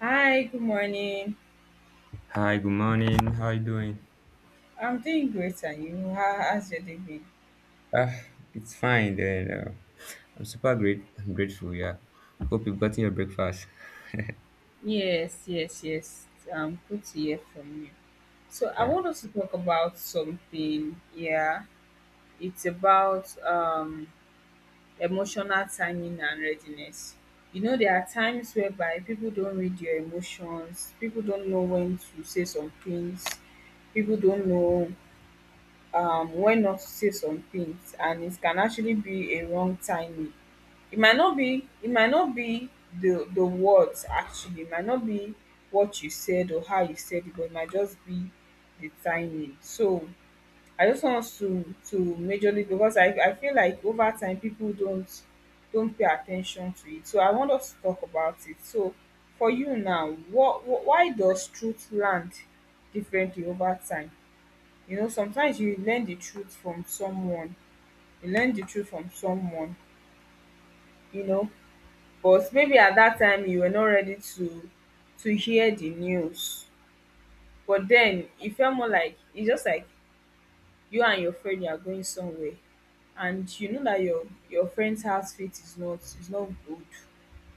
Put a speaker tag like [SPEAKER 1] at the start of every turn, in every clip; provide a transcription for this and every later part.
[SPEAKER 1] Hi, good morning.
[SPEAKER 2] Hi, good morning. How you doing?
[SPEAKER 1] I'm doing great, and you? How's your day been?
[SPEAKER 2] Ah, it's fine then. I'm super great. I'm grateful. Yeah. Hope you've gotten your breakfast.
[SPEAKER 1] Yes, yes, yes. Good to hear from you. So I
[SPEAKER 2] Yeah.
[SPEAKER 1] want us to talk about something. Yeah, it's about emotional timing and readiness. You know, there are times whereby people don't read your emotions. People don't know when to say some things. People don't know when not to say some things, and it can actually be a wrong timing. It might not be the words, actually. It might not be what you said or how you said it, but it might just be the timing. So I just want us to majorly, because I feel like over time people don't pay attention to it, so I want us to talk about it. So for you now, what why does truth land differently over time? You know, sometimes you learn the truth from someone. you learn the truth from someone you know, but maybe at that time you were not ready to hear the news. But then it felt more like, it's just like, you and your friend, you are going somewhere, and you know that your friend's outfit is not good,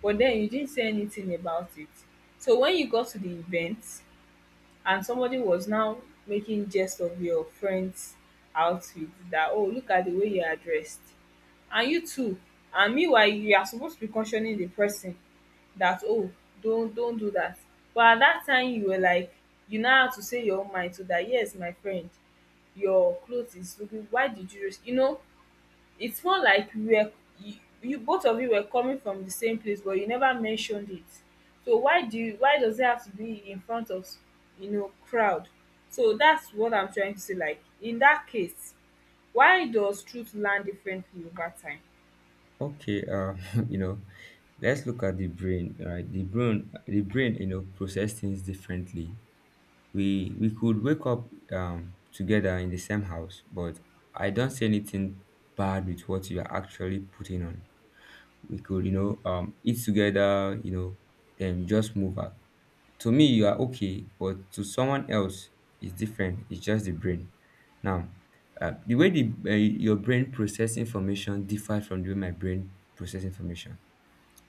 [SPEAKER 1] but then you didn't say anything about it. So when you got to the event and somebody was now making jest of your friend's outfit, that oh, look at the way you are dressed, and you too, and meanwhile you are supposed to be cautioning the person that oh, don't do that. But at that time you were like, you now had to say your own mind, so that yes, my friend, your clothes is looking, why did you risk? You know, it's more like we were, you, you, both of you were coming from the same place, but you never mentioned it. So why do you, why does it have to be in front of, you know, crowd? So that's what I'm trying to say, like in that case, why does truth land differently over time?
[SPEAKER 2] Okay. You know, let's look at the brain. Right. The brain. The brain. You know, process things differently. We could wake up together in the same house, but I don't see anything bad with what you are actually putting on. We could eat together. You know, then just move out. To me you are okay, but to someone else it's different. It's just the brain now. The way the your brain process information differs from the way my brain process information.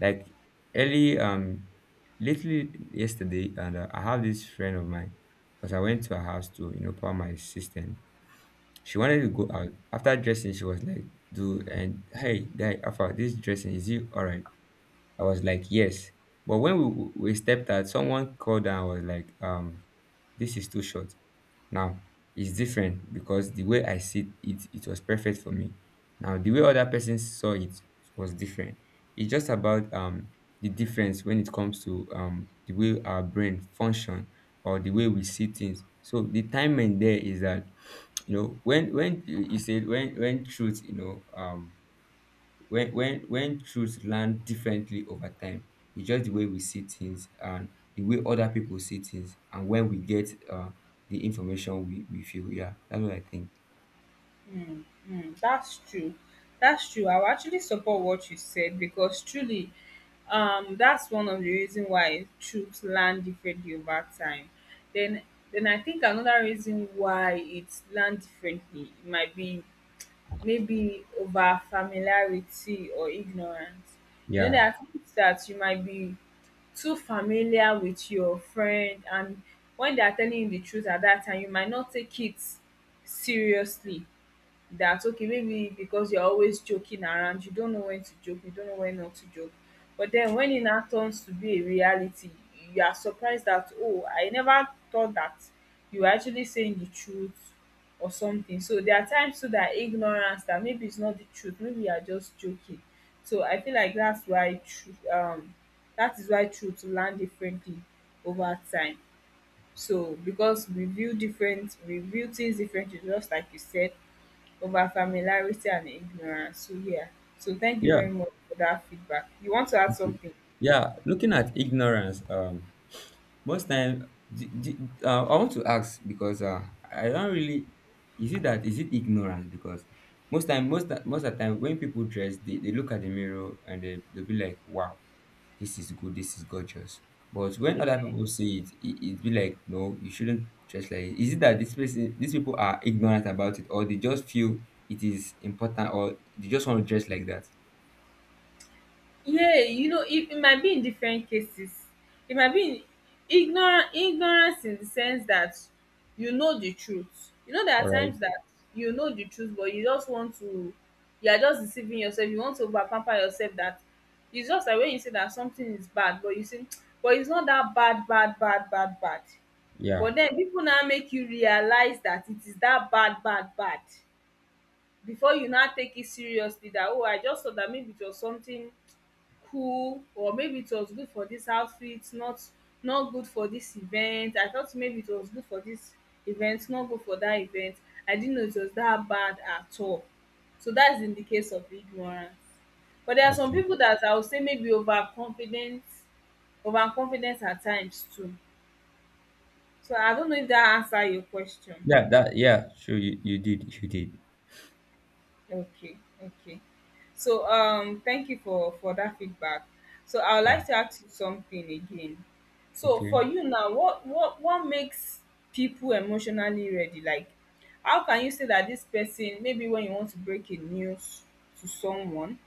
[SPEAKER 2] Like early lately yesterday, and I have this friend of mine. Because I went to her house to, you know, power my system, she wanted to go out. After dressing, she was like, "Do and hey guy alpha, this dressing, is it all right?" I was like, yes. But when we stepped out, someone called and was like, this is too short. Now it's different because the way I see it, it was perfect for me. Now the way other person saw it was different. It's just about the difference when it comes to the way our brain function or the way we see things. So the timing there is that, you know, when you said when truth, you know, when truth land differently over time, it's just the way we see things and the way other people see things. And when we get the information, we feel, yeah, that's what I think.
[SPEAKER 1] Mm, mm, that's true. That's true. I'll actually support what you said because truly, that's one of the reason why troops land differently over time. Then, then I think another reason why it's land differently might be maybe over familiarity or ignorance. You know, there
[SPEAKER 2] Yeah,
[SPEAKER 1] are things that you might be too familiar with your friend, and when they are telling you the truth at that time, you might not take it seriously, that okay, maybe because you're always joking around, you don't know when to joke, you don't know when not to joke. But then when it now turns to be a reality, you are surprised that oh, I never thought that you were actually saying the truth or something. So there are times too that ignorance, that maybe it's not the truth, maybe you are just joking. So I feel like that's why truth, that is why truth land differently over time. So because we view different, we view things differently, just like you said, over familiarity and ignorance. So yeah. So thank you
[SPEAKER 2] yeah,
[SPEAKER 1] very much for that feedback. You want to add something?
[SPEAKER 2] yeah. Looking at ignorance, most time I want to ask, because I don't really— is it that, is it ignorance? Because most of the time when people dress, they look at the mirror and they'll be like, wow, this is good, this is gorgeous. But when other people see it, it be like, no, you shouldn't dress like it. Is it that this person, these people, are ignorant about it, or they just feel it is important, or they just want to dress like that?
[SPEAKER 1] Yeah, you know, it might be in different cases. It might be in ignorant ignorance, in the sense that, you know, the truth, you know, there
[SPEAKER 2] All
[SPEAKER 1] are
[SPEAKER 2] right.
[SPEAKER 1] times that you know the truth, but you just want to, you are just deceiving yourself, you want to over pamper yourself, that it's just like when you say that something is bad, but you say but it's not that bad bad bad bad bad,
[SPEAKER 2] Yeah.
[SPEAKER 1] but den people now make you realize that it is that bad bad bad, before you now take it seriously that oh, I just saw that maybe it was something cool, or maybe it was good for this outfit, not good for this event, I thought maybe it was good for this event, not good for that event, I didn't know it was that bad at all. So that's in the case of ignorance. But there are some
[SPEAKER 2] Okay.
[SPEAKER 1] people that I would say maybe over confident, over confident at times too. So I don't know if that answer your question.
[SPEAKER 2] Yeah. That. Yeah. Sure. You did. You did.
[SPEAKER 1] Okay, okay. So thank you for that feedback. So I would
[SPEAKER 2] Yeah.
[SPEAKER 1] like to ask you something again. So
[SPEAKER 2] Okay.
[SPEAKER 1] for you now, what makes people emotionally ready? Like how can you say that this person, maybe when you want to break a news to someone,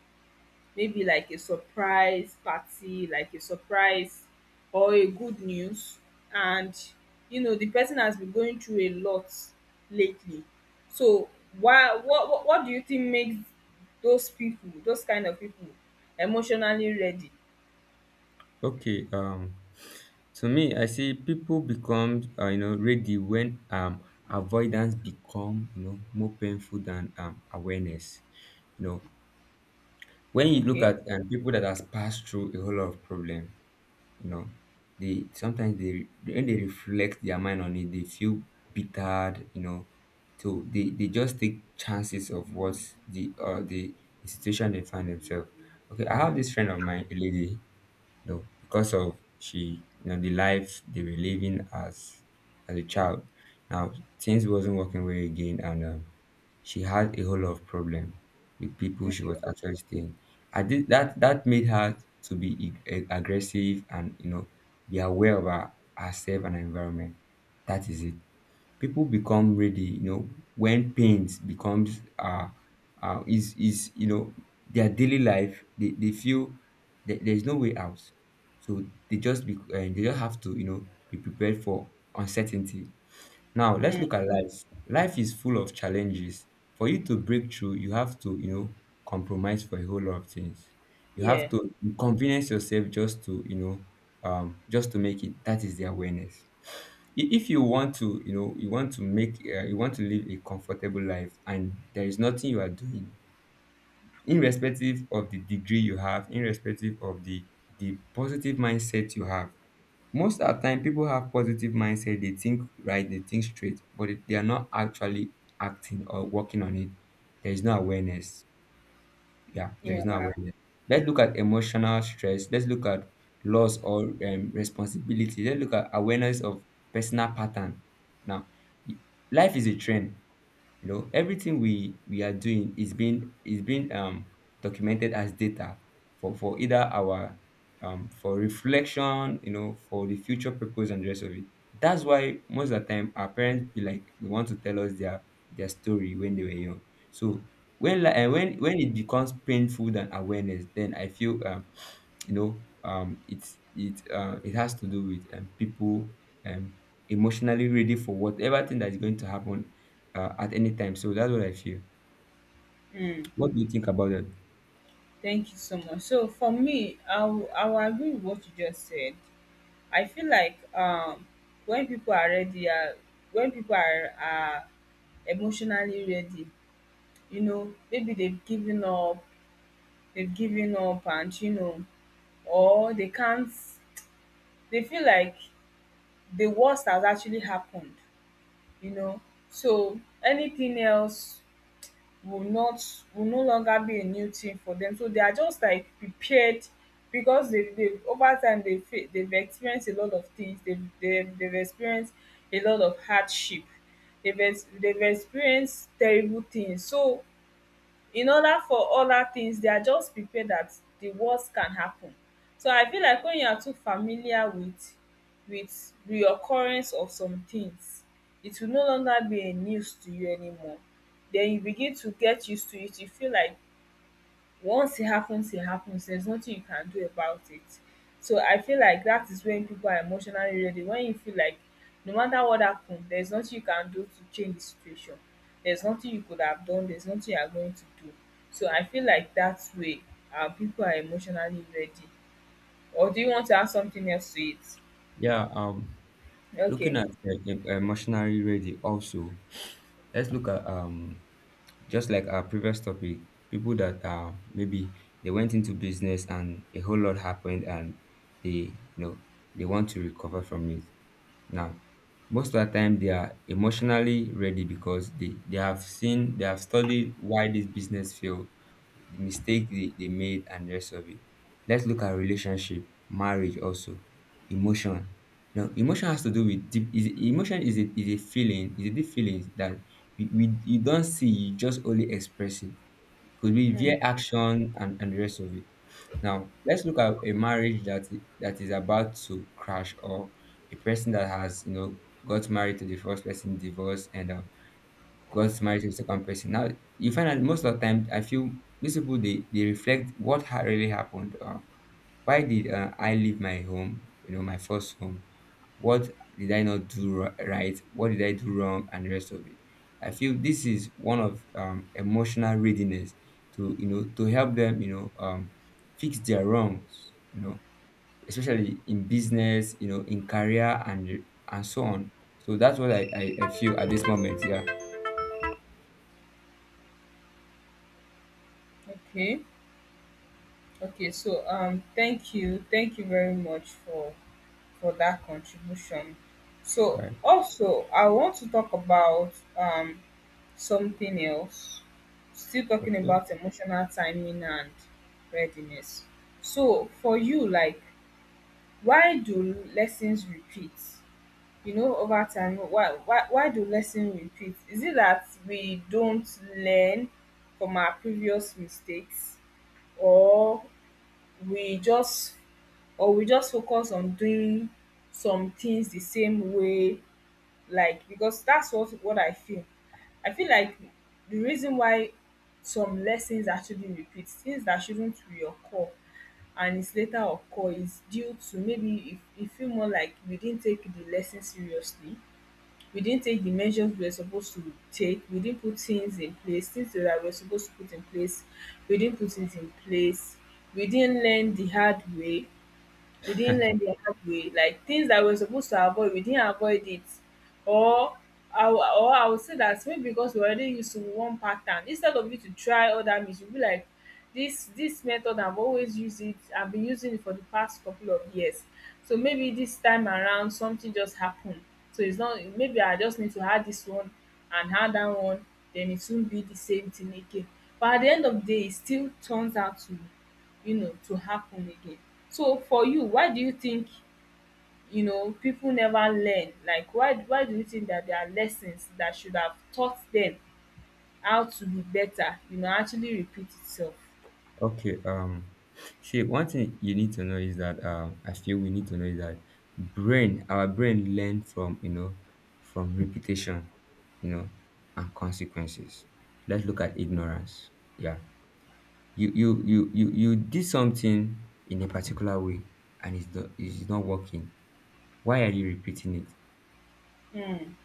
[SPEAKER 1] maybe like a surprise party, like a surprise, or a good news. And you know, the person has been going through a lot lately. So why what do you think makes those people, those kind of people, emotionally ready?
[SPEAKER 2] Okay. To me, I see people become, you know, ready when avoidance become, you know, more painful than awareness. You know, when you look
[SPEAKER 1] Okay.
[SPEAKER 2] at people that has passed through a whole lot of problem, you know, they sometimes, they, when they reflect their mind on it, they feel bittered, you know. So they just take chances of what the uh, the, the situation they find themselves. Okay, I have this friend of mine, a lady. You know, because of, she, you know, the life they were living as a child. Now things wasn't working well again, and she had a whole lot of problem with people she
[SPEAKER 1] Okay.
[SPEAKER 2] was actually staying. I did that, that made her to be aggressive and, you know, be aware of herself and her environment. That is it. People become ready, you know, when pains becomes, is you know, their daily life. They feel that there's no way out, so they just be, they just have to, you know, be prepared for uncertainty. Now let's look
[SPEAKER 1] Mm,
[SPEAKER 2] at life. Life is full of challenges. For you to break through, you have to, you know, compromise for a whole lot of things. You have
[SPEAKER 1] yeah,
[SPEAKER 2] to inconvenience yourself just to, you know, just to make it. That is the awareness. If you want to, you know, you want to make, you want to live a comfortable life, and there is nothing you are doing, irrespective of the degree you have, irrespective of the positive mindset you have. Most of the time people have positive mindset, they think right, they think straight, they are not actually acting or working on it. There is no awareness. Yeah, there is no
[SPEAKER 1] yeah.
[SPEAKER 2] awareness. Let's look at emotional stress, let's look at loss or, responsibility, let's look at awareness of personal pattern. Now, y- life is a trend. You know, everything we are doing is being, documented as data for, either our, for reflection, you know, for the future purpose and the rest of it. That's why most of the time our parents be like they want to tell us their story when they were young. So when, like, and when it becomes painful than awareness, then I feel, it, it has to do with, people, um emotionally ready for whatever thing that's going to happen, at any time. So that's what I feel.
[SPEAKER 1] Mm,
[SPEAKER 2] What do you think about that?
[SPEAKER 1] thank you so much. So for me, I will agree with what you just said. I feel like when people are ready, when people are emotionally ready, you know, maybe they've given up, and you know, or they can't, they feel like the worst has actually happened, you know. So anything else will not, will no longer be a new thing for them, so they are just like prepared, because they over time they've experienced a lot of things, they've experienced a lot of hardship, they've experienced terrible things. So in order for other things they are just prepared that the worst can happen. So I feel like when you are too familiar with reoccurrence of some things, it will no longer be a news to you anymore. Then you begin to get used to it, you feel like, once it happens, it happens. There's nothing you can do about it. So I feel like that is when people are emotionally ready. When you feel like no matter what happens, there's nothing you can do to change the situation. There's nothing you could have done. There's nothing you are going to do. So I feel like that way, people are emotionally ready. Or do you want to add something else to it?
[SPEAKER 2] Yeah, um, looking
[SPEAKER 1] Okay.
[SPEAKER 2] at, emotionally ready also, let's look at, just like our previous topic, people that, maybe they went into business and a whole lot happened and they, you know, they want to recover from it. Now most of the time they are emotionally ready because they have seen, they have studied why this business failed, the mistake they made and the rest of it. Let's look at relationship, marriage also. Emotion, you know, emotion has to do with deep— is emotion is is a feeling, is a deep feeling that we you don't see, you just only express it. It could be via
[SPEAKER 1] Mm,
[SPEAKER 2] action and the rest of it. Now let's look at a marriage that, that is about to crash, or a person that has, you know, got married to the first person, divorced, and, got married to the second person. Now you find that most of the time, I feel these people, they reflect what had really happened. Why did, I leave my home, you know, my first home? What did I not do right? What did I do wrong, and the rest of it? I feel this is one of, emotional readiness to, you know, to help them, you know, fix their wrongs, you know, especially in business, you know, in career and so on. So that's what I feel at this moment. Yeah.
[SPEAKER 1] okay. Okay. So thank you. Thank you very much for that contribution. So
[SPEAKER 2] Right.
[SPEAKER 1] also I want to talk about something else. Still talking
[SPEAKER 2] Okay.
[SPEAKER 1] about emotional timing and readiness. So for you, like, why do lessons repeat? You know, over time, why do lessons repeat? Is it that we don't learn from our previous mistakes, or we just, or we just focus on doing some things the same way, like because that's what I feel. I feel like the reason why some lessons actually repeat, things that shouldn't reoccur and it's later occur, is due to, maybe if you feel more like, we didn't take the lesson seriously, we didn't take the measures we were supposed to take, we didn't put things in place, things that we were supposed to put in place, we didn't put it in place, we didn't learn the hard way, like things that we're supposed to avoid, we didn't avoid it. Or I would say that maybe because we're already used to one pattern, instead of you to try other means, you'll be like, this method I've always used it, I've been using it for the past couple of years, so maybe this time around something just happened, so it's not, maybe I just need to add this one and add that one, then it won't be the same thing again. But at the end of the day it still turns out to, you know, to happen again. So for you, why do you think, you know, people never learn? Like why do you think that there are lessons that should have taught them how to be better, you know, actually repeat itself?
[SPEAKER 2] Okay. See, one thing you need to know is that, I feel we need to know is that brain, our brain learn from, you know, from repetition, you know, and consequences. Let's look at ignorance. Yeah, you did something in a particular way, and it's not working. Why are you repeating it?
[SPEAKER 1] Mm,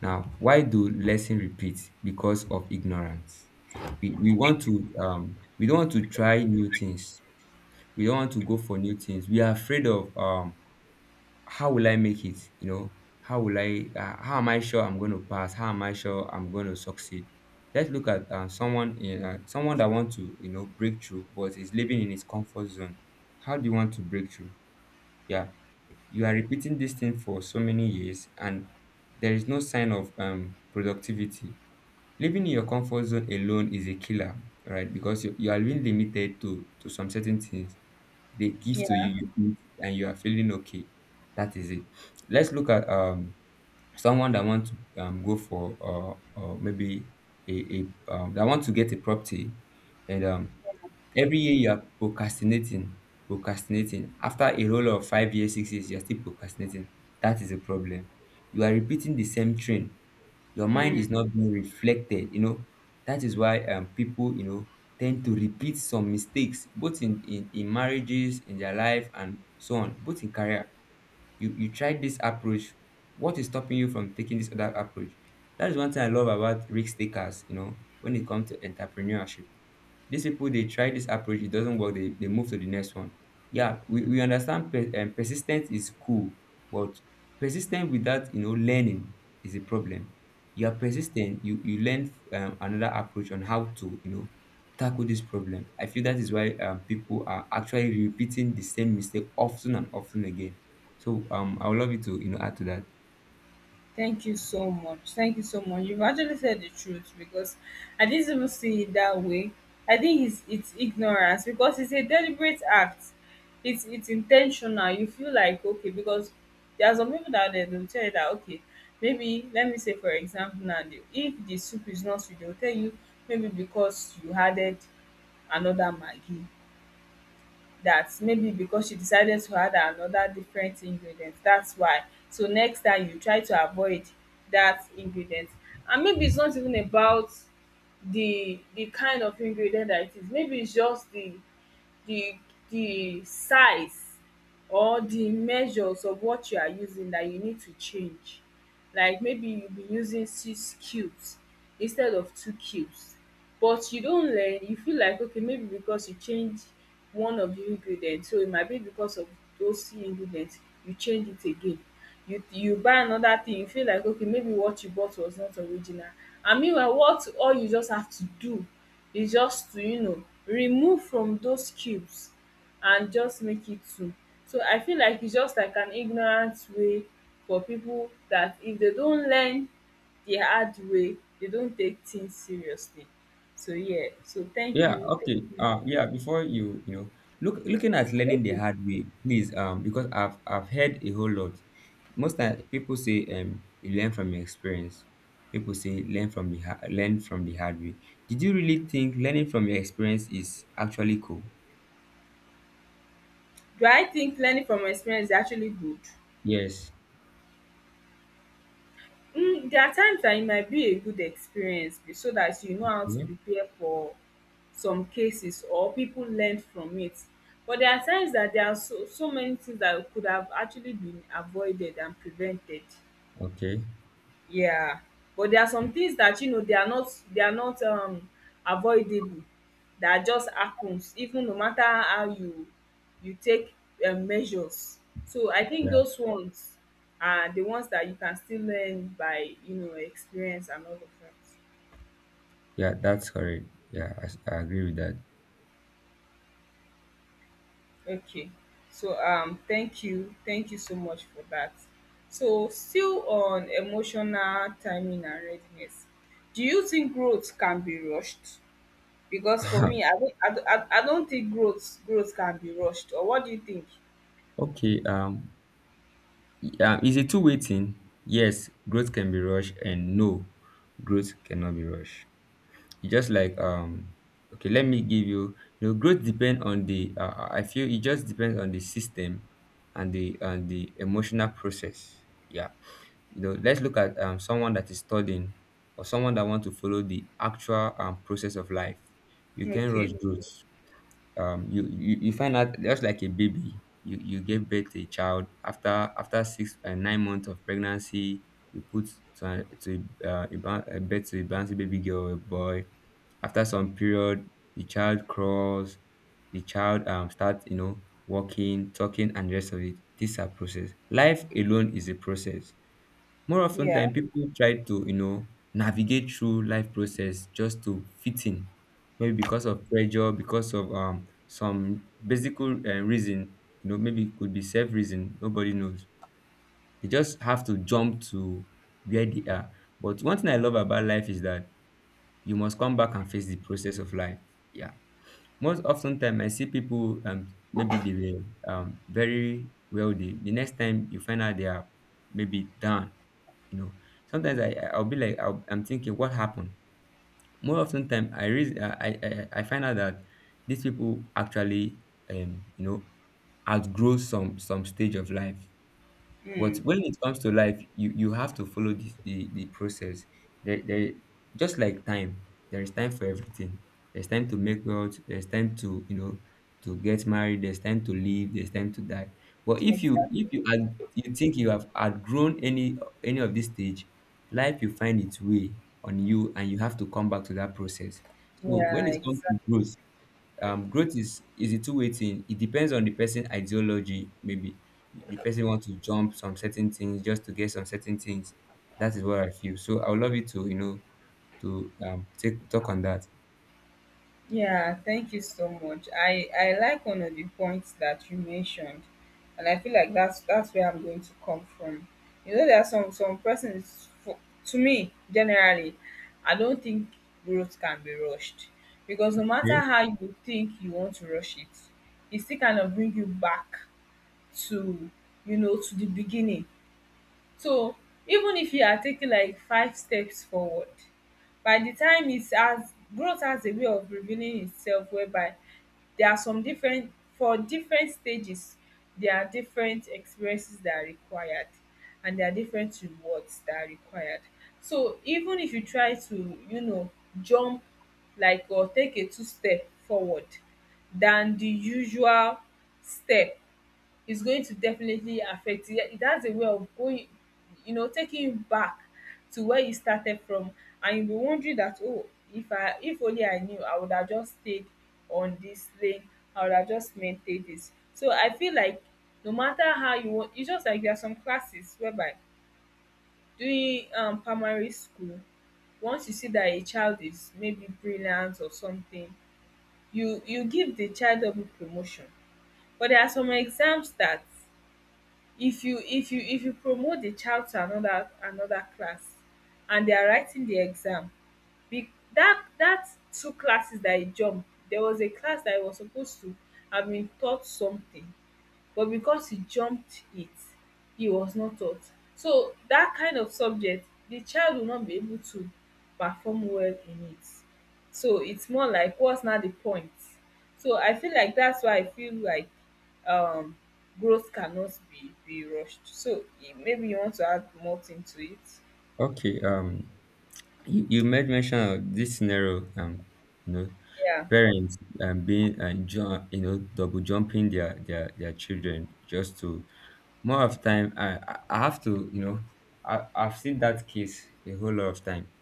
[SPEAKER 2] Now, why do lesson repeat? Because of ignorance. We want to, we don't want to try new things. We don't want to go for new things. We are afraid of, how will I make it? You know, how will I? How am I sure I'm going to pass? How am I sure I'm going to succeed? Let's look at, someone in, someone that want to, you know, break through, but is living in his comfort zone. How do you want to break through? Yeah, you are repeating this thing for so many years, and there is no sign of, productivity. Living in your comfort zone alone is a killer, right? Because you are being limited to some certain things. They give to
[SPEAKER 1] yeah,
[SPEAKER 2] you, you eat and you are feeling okay. That is it. Let's look at, someone that wants to, go for, maybe a, that want to get a property. And, every year you are procrastinating, procrastinating. After a roll of 5 years, 6 years, you are still procrastinating. That is a problem. You are repeating the same train. Your mind is
[SPEAKER 1] mm,
[SPEAKER 2] not being reflected, you know. That is why, people, you know, tend to repeat some mistakes, both in, in marriages, in their life and so on, both in career. You tried this approach. What is stopping you from taking this other approach? That is one thing I love about risk takers, you know, when it comes to entrepreneurship. These people, they try this approach, it doesn't work, they move to the next one. Yeah, we understand persistence is cool, but persistent without, you know, learning is a problem. You are persistent, you learn, another approach on how to, you know, tackle this problem. I feel that is why, people are actually repeating the same mistake often and often again. So, I would love you to, you know, add to that.
[SPEAKER 1] thank you so much. Thank you so much. You've actually said the truth because I didn't even see it that way. I think it's ignorance because it's a deliberate act. It's intentional. You feel like okay because there are some people that they will tell you that okay, maybe let me say for example now if the soup is not sweet they will tell you maybe because you added another maggi, that maybe because she decided to add another different ingredient, that's why. So next time you try to avoid that ingredient, and maybe it's not even about the kind of ingredient that it is. Maybe it's just the the size or the measures of what you are using that you need to change. Like maybe you be using six cubes instead of two cubes, but you don learn. You feel like okay, maybe because you change one of the ingredient, so it might be because of those two ingredient, you change it again. You buy another thing, you feel like okay, maybe what you bought was not original. And meanwhile what all you just have to do is just to remove from those cubes and just make it too. So I feel like it's just like an ignorant way for people that if they don't learn the hard way, they don't take things seriously. So yeah, so thank
[SPEAKER 2] Yeah,
[SPEAKER 1] you. Thank
[SPEAKER 2] okay.
[SPEAKER 1] you.
[SPEAKER 2] Yeah, before you, looking at learning the
[SPEAKER 1] Okay.
[SPEAKER 2] hard way, please, because I've heard a whole lot. Most time people say you learn from your experience. People say learn from the learn from the hard way. Did you really think learning from your experience is actually cool?
[SPEAKER 1] Do I think learning from experience is actually good?
[SPEAKER 2] Yes.
[SPEAKER 1] Mm, there are times that it might be a good experience so that you know how to
[SPEAKER 2] Yeah.
[SPEAKER 1] prepare for some cases or people learn from it. But there are times that there are so, so many things that could have actually been avoided and prevented.
[SPEAKER 2] Okay.
[SPEAKER 1] Yeah, but there are some things that you know they are not avoidable, that just happens even no matter how you you take measures. So I think
[SPEAKER 2] Yeah.
[SPEAKER 1] those ones are the ones that you can still learn by experience and all of that.
[SPEAKER 2] Yeah, that's correct. Yeah, I agree with that.
[SPEAKER 1] Okay. So thank you. Thank you so much for that. So still on emotional timing and readiness. Do you think growth can be rushed? Because for me, I don't, I, don't- I, I don't think growth can be rushed. Or what do you think?
[SPEAKER 2] Okay. Yeah. Is it two-way thing? Yes, growth can be rushed, and no, growth cannot be rushed. Just like okay, let me give you you know growth depend on the I feel it just depends on the system and the emotional process. Yeah. You know, let's look at someone that is studying or someone that want to follow the actual process of life. You can rush
[SPEAKER 1] Okay.
[SPEAKER 2] growth. You, you find out just like a baby. You give birth to a child after after 6 and 9 months of pregnancy you put to a, ba- a bed to a bouncy baby girl or a boy after some period, the child crawls, the child starts, you know, walking, talking, and the rest of it. These are process. Life alone is a process. More often
[SPEAKER 1] Yeah.
[SPEAKER 2] than people try to, you know, navigate through life process just to fit in. Maybe because of pressure, because of some basic reason, you know, maybe it could be self reason. Nobody knows. They just have to jump to where they are. But one thing I love about life is that you must come back and face the process of life. Yeah. Most often time I see people maybe they were very wealthy. The next time you find out they are maybe down, you know. Sometimes I- I'll be like I'll, I'm thinking what happened. More often time I reason I find out that these people actually you know outgrow some stage of life. But
[SPEAKER 1] Mm,
[SPEAKER 2] when it comes to life, you have to follow the process. There, there, just like time, there is time for everything. There's time to make wealth. There's time to to get married. There's time to live. There's time to die. But if
[SPEAKER 1] exactly.
[SPEAKER 2] you had, you think you have outgrown any of this stage, life will find its way on you, and you have to come back to that process. So when
[SPEAKER 1] Yeah,
[SPEAKER 2] it comes to
[SPEAKER 1] exactly.
[SPEAKER 2] growth, growth is a two-way thing. It depends on the person ideology. Maybe the person wants to jump some certain things just to get some certain things. That is what I feel. So I would love you to to take talk on that.
[SPEAKER 1] Yeah, thank you so much. I like one of the points that you mentioned, and I feel like that's where I'm going to come from. You know, there are some persons. For, to me, generally, I don't think growth can be rushed because no matter
[SPEAKER 2] Okay.
[SPEAKER 1] how you think you want to rush it, it still kind of bring you back to you know to the beginning. So even if you are taking like five steps forward, by the time it has, growth has a way of revealing itself, whereby there are some different, for different stages there are different experiences that are required, and there are different rewards that are required. So even if you try to you know jump like, or take a two step forward than the usual step, is going to definitely affect you. It has a way of going, you know, taking you back to where you started from, and you'll be wondering that oh, if only I knew, I would have just stayed on this lane. I would have just maintained this. So I feel like no matter how you want, it's just like there are some classes whereby during primary school, once you see that a child is maybe brilliant or something, you give the child double promotion. But there are some exams that if you promote the child to another class and they are writing the exam, be that two classes that e jump, there was a class that I was supposed to have been taught something, but because he jumped it, he was not taught. So that kind of subject the child will not be able to perform well in it. So it's more like what's not the point. So I feel like that's why I feel like um growth cannot be rushed. So eh, maybe you want to add more thing to it.
[SPEAKER 2] okay um you, you made mention of this scenario you know
[SPEAKER 1] Yeah.
[SPEAKER 2] parents being you know double jumping their children just to. More of time I have to I've seen that case a whole lot of time.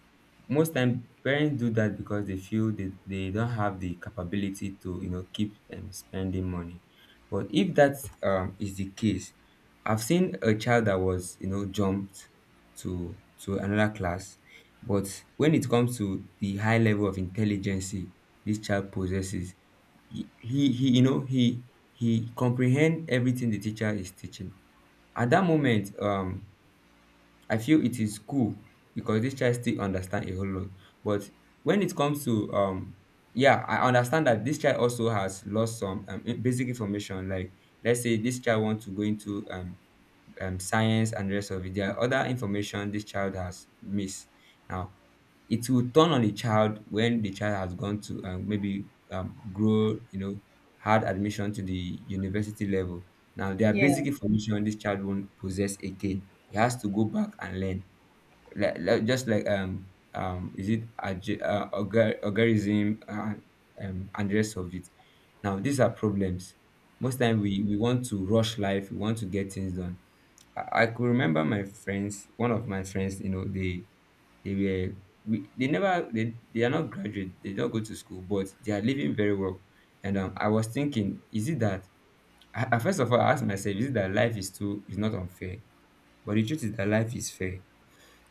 [SPEAKER 2] Most time parents do that because they feel they don't have the capability to you know keep spending money. But if that is the case, I've seen a child that was you know jumped to another class, but when it comes to the high level of intelligence this child possesses, you know he comprehend everything the teacher is teaching. At that moment, I feel it is cool because this child still understand a whole lot. But when it comes to yeah, I understand that this child also has lost some basic information. Like let's say this child wants to go into science and the rest of it. There are other information this child has missed. Now it will turn on the child when the child has gone to maybe grow, you know, had admission to the university level. Now there are
[SPEAKER 1] Yeah,
[SPEAKER 2] basic information this child won't possess again. He has to go back and learn like, just like is it algorithm and the rest of it. Now these are problems. Most time we want to rush life. We want to get things done. I could remember my friends. One of my friends, you know, they were we, they never they, they are not graduate. They don't go to school, but they are living very well. And I was thinking, is it that I first of all I asked myself, is it that life is too is not unfair? But the truth is that life is fair.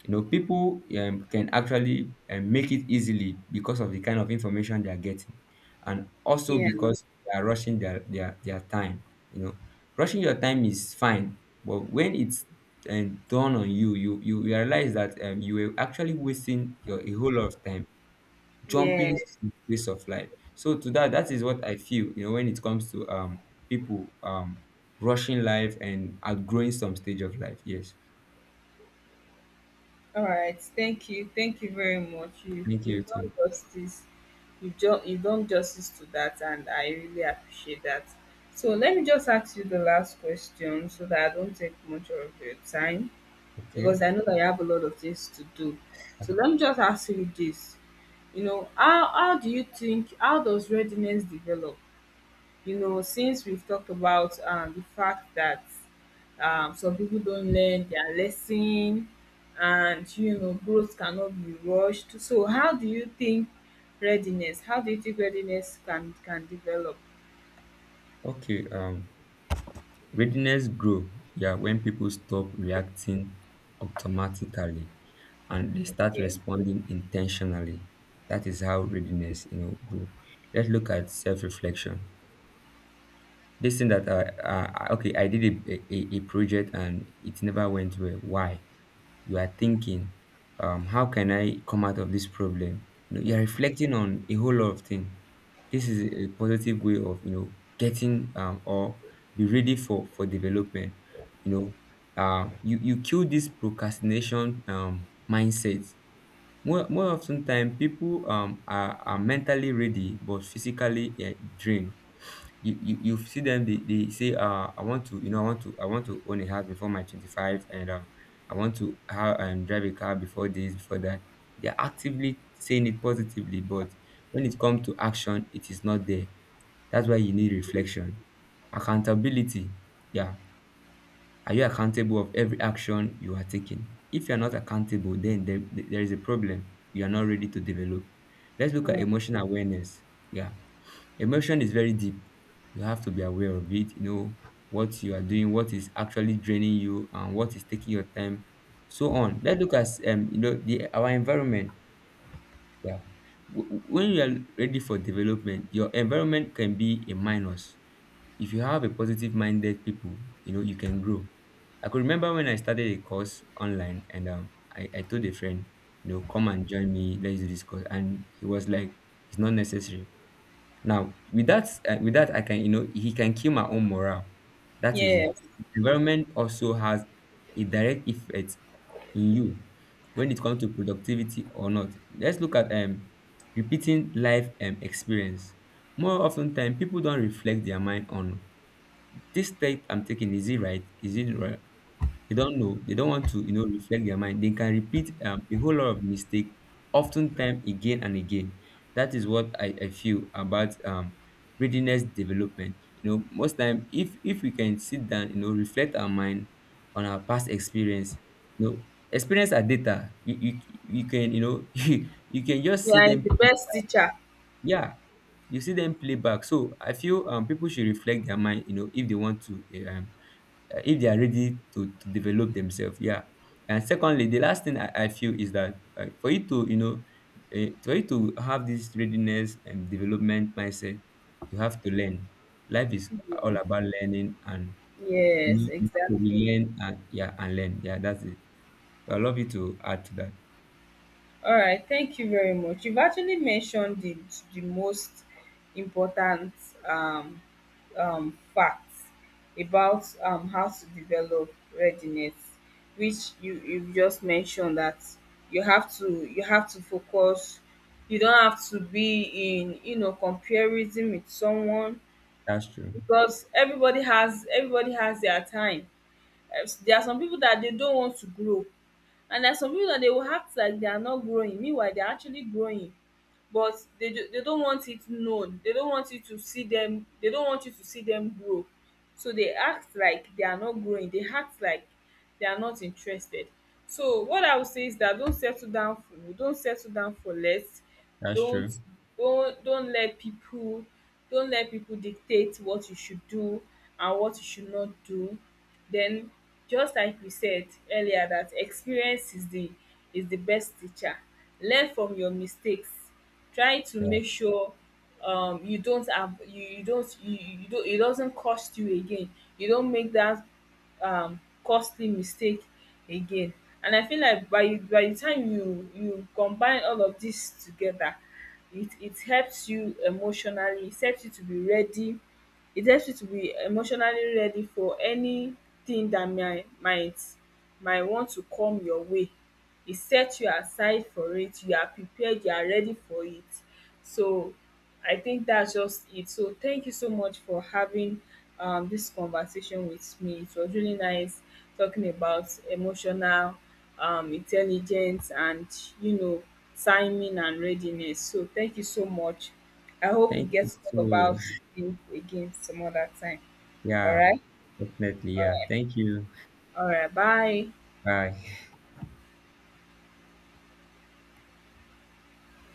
[SPEAKER 2] You know, people can actually make it easily because of the kind of information they are getting, and also
[SPEAKER 1] yeah,
[SPEAKER 2] because they are rushing their time. You know, rushing your time is fine, but when it's done on you, you realize that you were actually wasting your a whole lot of time
[SPEAKER 1] yeah.
[SPEAKER 2] jumping to ways of life. So to that, that is what I feel, you know, when it comes to people rushing life and outgrowing some stage of life, yes.
[SPEAKER 1] All right. Thank you. Thank you very much. You
[SPEAKER 2] Thank you
[SPEAKER 1] you've done
[SPEAKER 2] too.
[SPEAKER 1] justice. You've done justice to that, and I really appreciate that. So let me just ask you the last question, so that I don't take much of your time,
[SPEAKER 2] Okay.
[SPEAKER 1] because I know that you have a lot of things to do. So let me just ask you this. You know, how do you think? How does readiness develop? You know, since we've talked about the fact that some people don't learn their lesson, and, you know, growth cannot be rushed. So, how do you think readiness, how do you think readiness can develop?
[SPEAKER 2] Okay, readiness grow, yeah, when people stop reacting automatically and they start
[SPEAKER 1] Okay.
[SPEAKER 2] responding intentionally. That is how readiness, you know, grow. Let's look at self-reflection. This thing that, okay, I did a project and it never went well. Why? You are thinking, how can I come out of this problem? You know, you are reflecting on a whole lot of things. This is a positive way of you know getting or be ready for development. You know, you kill this procrastination mindset. More often time people are mentally ready but physically drained. You, you see them, they say I want to I want to own a house before my 25 and I want to have and drive a car before this before that. They're actively saying it positively, but when it comes to action it is not there. That's why you need reflection. Accountability. Yeah. Are you accountable of every action you are taking? If you are not accountable, then there is a problem. You are not ready to develop. Let's look at emotional awareness. Yeah. Emotion is very deep. You have to be aware of it, you know, what you are doing, what is actually draining you, and what is taking your time, so on. Let's look at you know, the our environment. Yeah. When you are ready for development, your environment can be a minus. If you have a positive minded people, you know, you can grow. I could remember when I started a course online and I told a friend, you know, come and join me, let's do this course. And he was like, it's not necessary. Now, with that, I can, you know, he can kill my own morale. That is it.
[SPEAKER 1] Yes.
[SPEAKER 2] Environment also has a direct effect in you when it comes to productivity or not. Let's look at repeating life experience. More often time, people don't reflect their mind on this step I'm taking, is it right? Is it right? They don't know. They don't want to, you know, reflect their mind. They can repeat a whole lot of mistake, oftentimes again and again. That is what I feel about readiness development. You know, most time, if we can sit down, you know, reflect our mind on our past experience, you know, experience are data. You can, you know, you can just see
[SPEAKER 1] Yeah, it's
[SPEAKER 2] them.
[SPEAKER 1] the best teacher.
[SPEAKER 2] Yeah, you see them play back. So I feel people should reflect their mind, you know, if they want to if they are ready to develop themselves. Yeah. And secondly, the last thing I feel is that for you to, you know, for you to have this readiness and development mindset, you have to learn. Life is all about learning and you
[SPEAKER 1] Yes,
[SPEAKER 2] know, you have to
[SPEAKER 1] exactly.
[SPEAKER 2] relearn and yeah and learn. Yeah, that's it. So, I love you to add to that.
[SPEAKER 1] All right, thank you very much. You've actually mentioned the most important um, facts about how to develop readiness, which you just mentioned that you have to focus. You don't have to be in you know comparison with someone,
[SPEAKER 2] That's true.
[SPEAKER 1] because everybody has their time. Eh, there are some people that they don't want to grow, and there are some people that they will act like they are not growing, meanwhile they are actually growing. But they do, they don't want it known, they don't want you to see them, they don't want you to see them grow. So they act like they are not growing, they act like they are not interested. So what I would say is that don't settle down for less.
[SPEAKER 2] That's
[SPEAKER 1] don't
[SPEAKER 2] true.
[SPEAKER 1] don't let people dictate what you should do and what you should not do. Then, just like we said earlier, that experience is the best teacher. Learn from your mistakes, try to
[SPEAKER 2] Yeah.
[SPEAKER 1] make sure you don't have, you don't, it doesn't cost you again, you don't make that costly mistake again. And I feel like by the time you combine all of this together, it helps you emotionally, it helps you to be ready, it helps you to be emotionally ready for anything that might might want to come your way. You set you aside for it, you are prepared, you are ready for it. So I think that's just it. So thank you so much for having this conversation with me. It was really nice talking about emotional intelligence and you know timing and readiness. So thank you so much. I hope we
[SPEAKER 2] Thank
[SPEAKER 1] get
[SPEAKER 2] you.
[SPEAKER 1] to talk
[SPEAKER 2] Too.
[SPEAKER 1] about it again some other time. All
[SPEAKER 2] Yeah,
[SPEAKER 1] right.
[SPEAKER 2] definitely. Yeah. Thank you.
[SPEAKER 1] All right, bye.
[SPEAKER 2] Bye.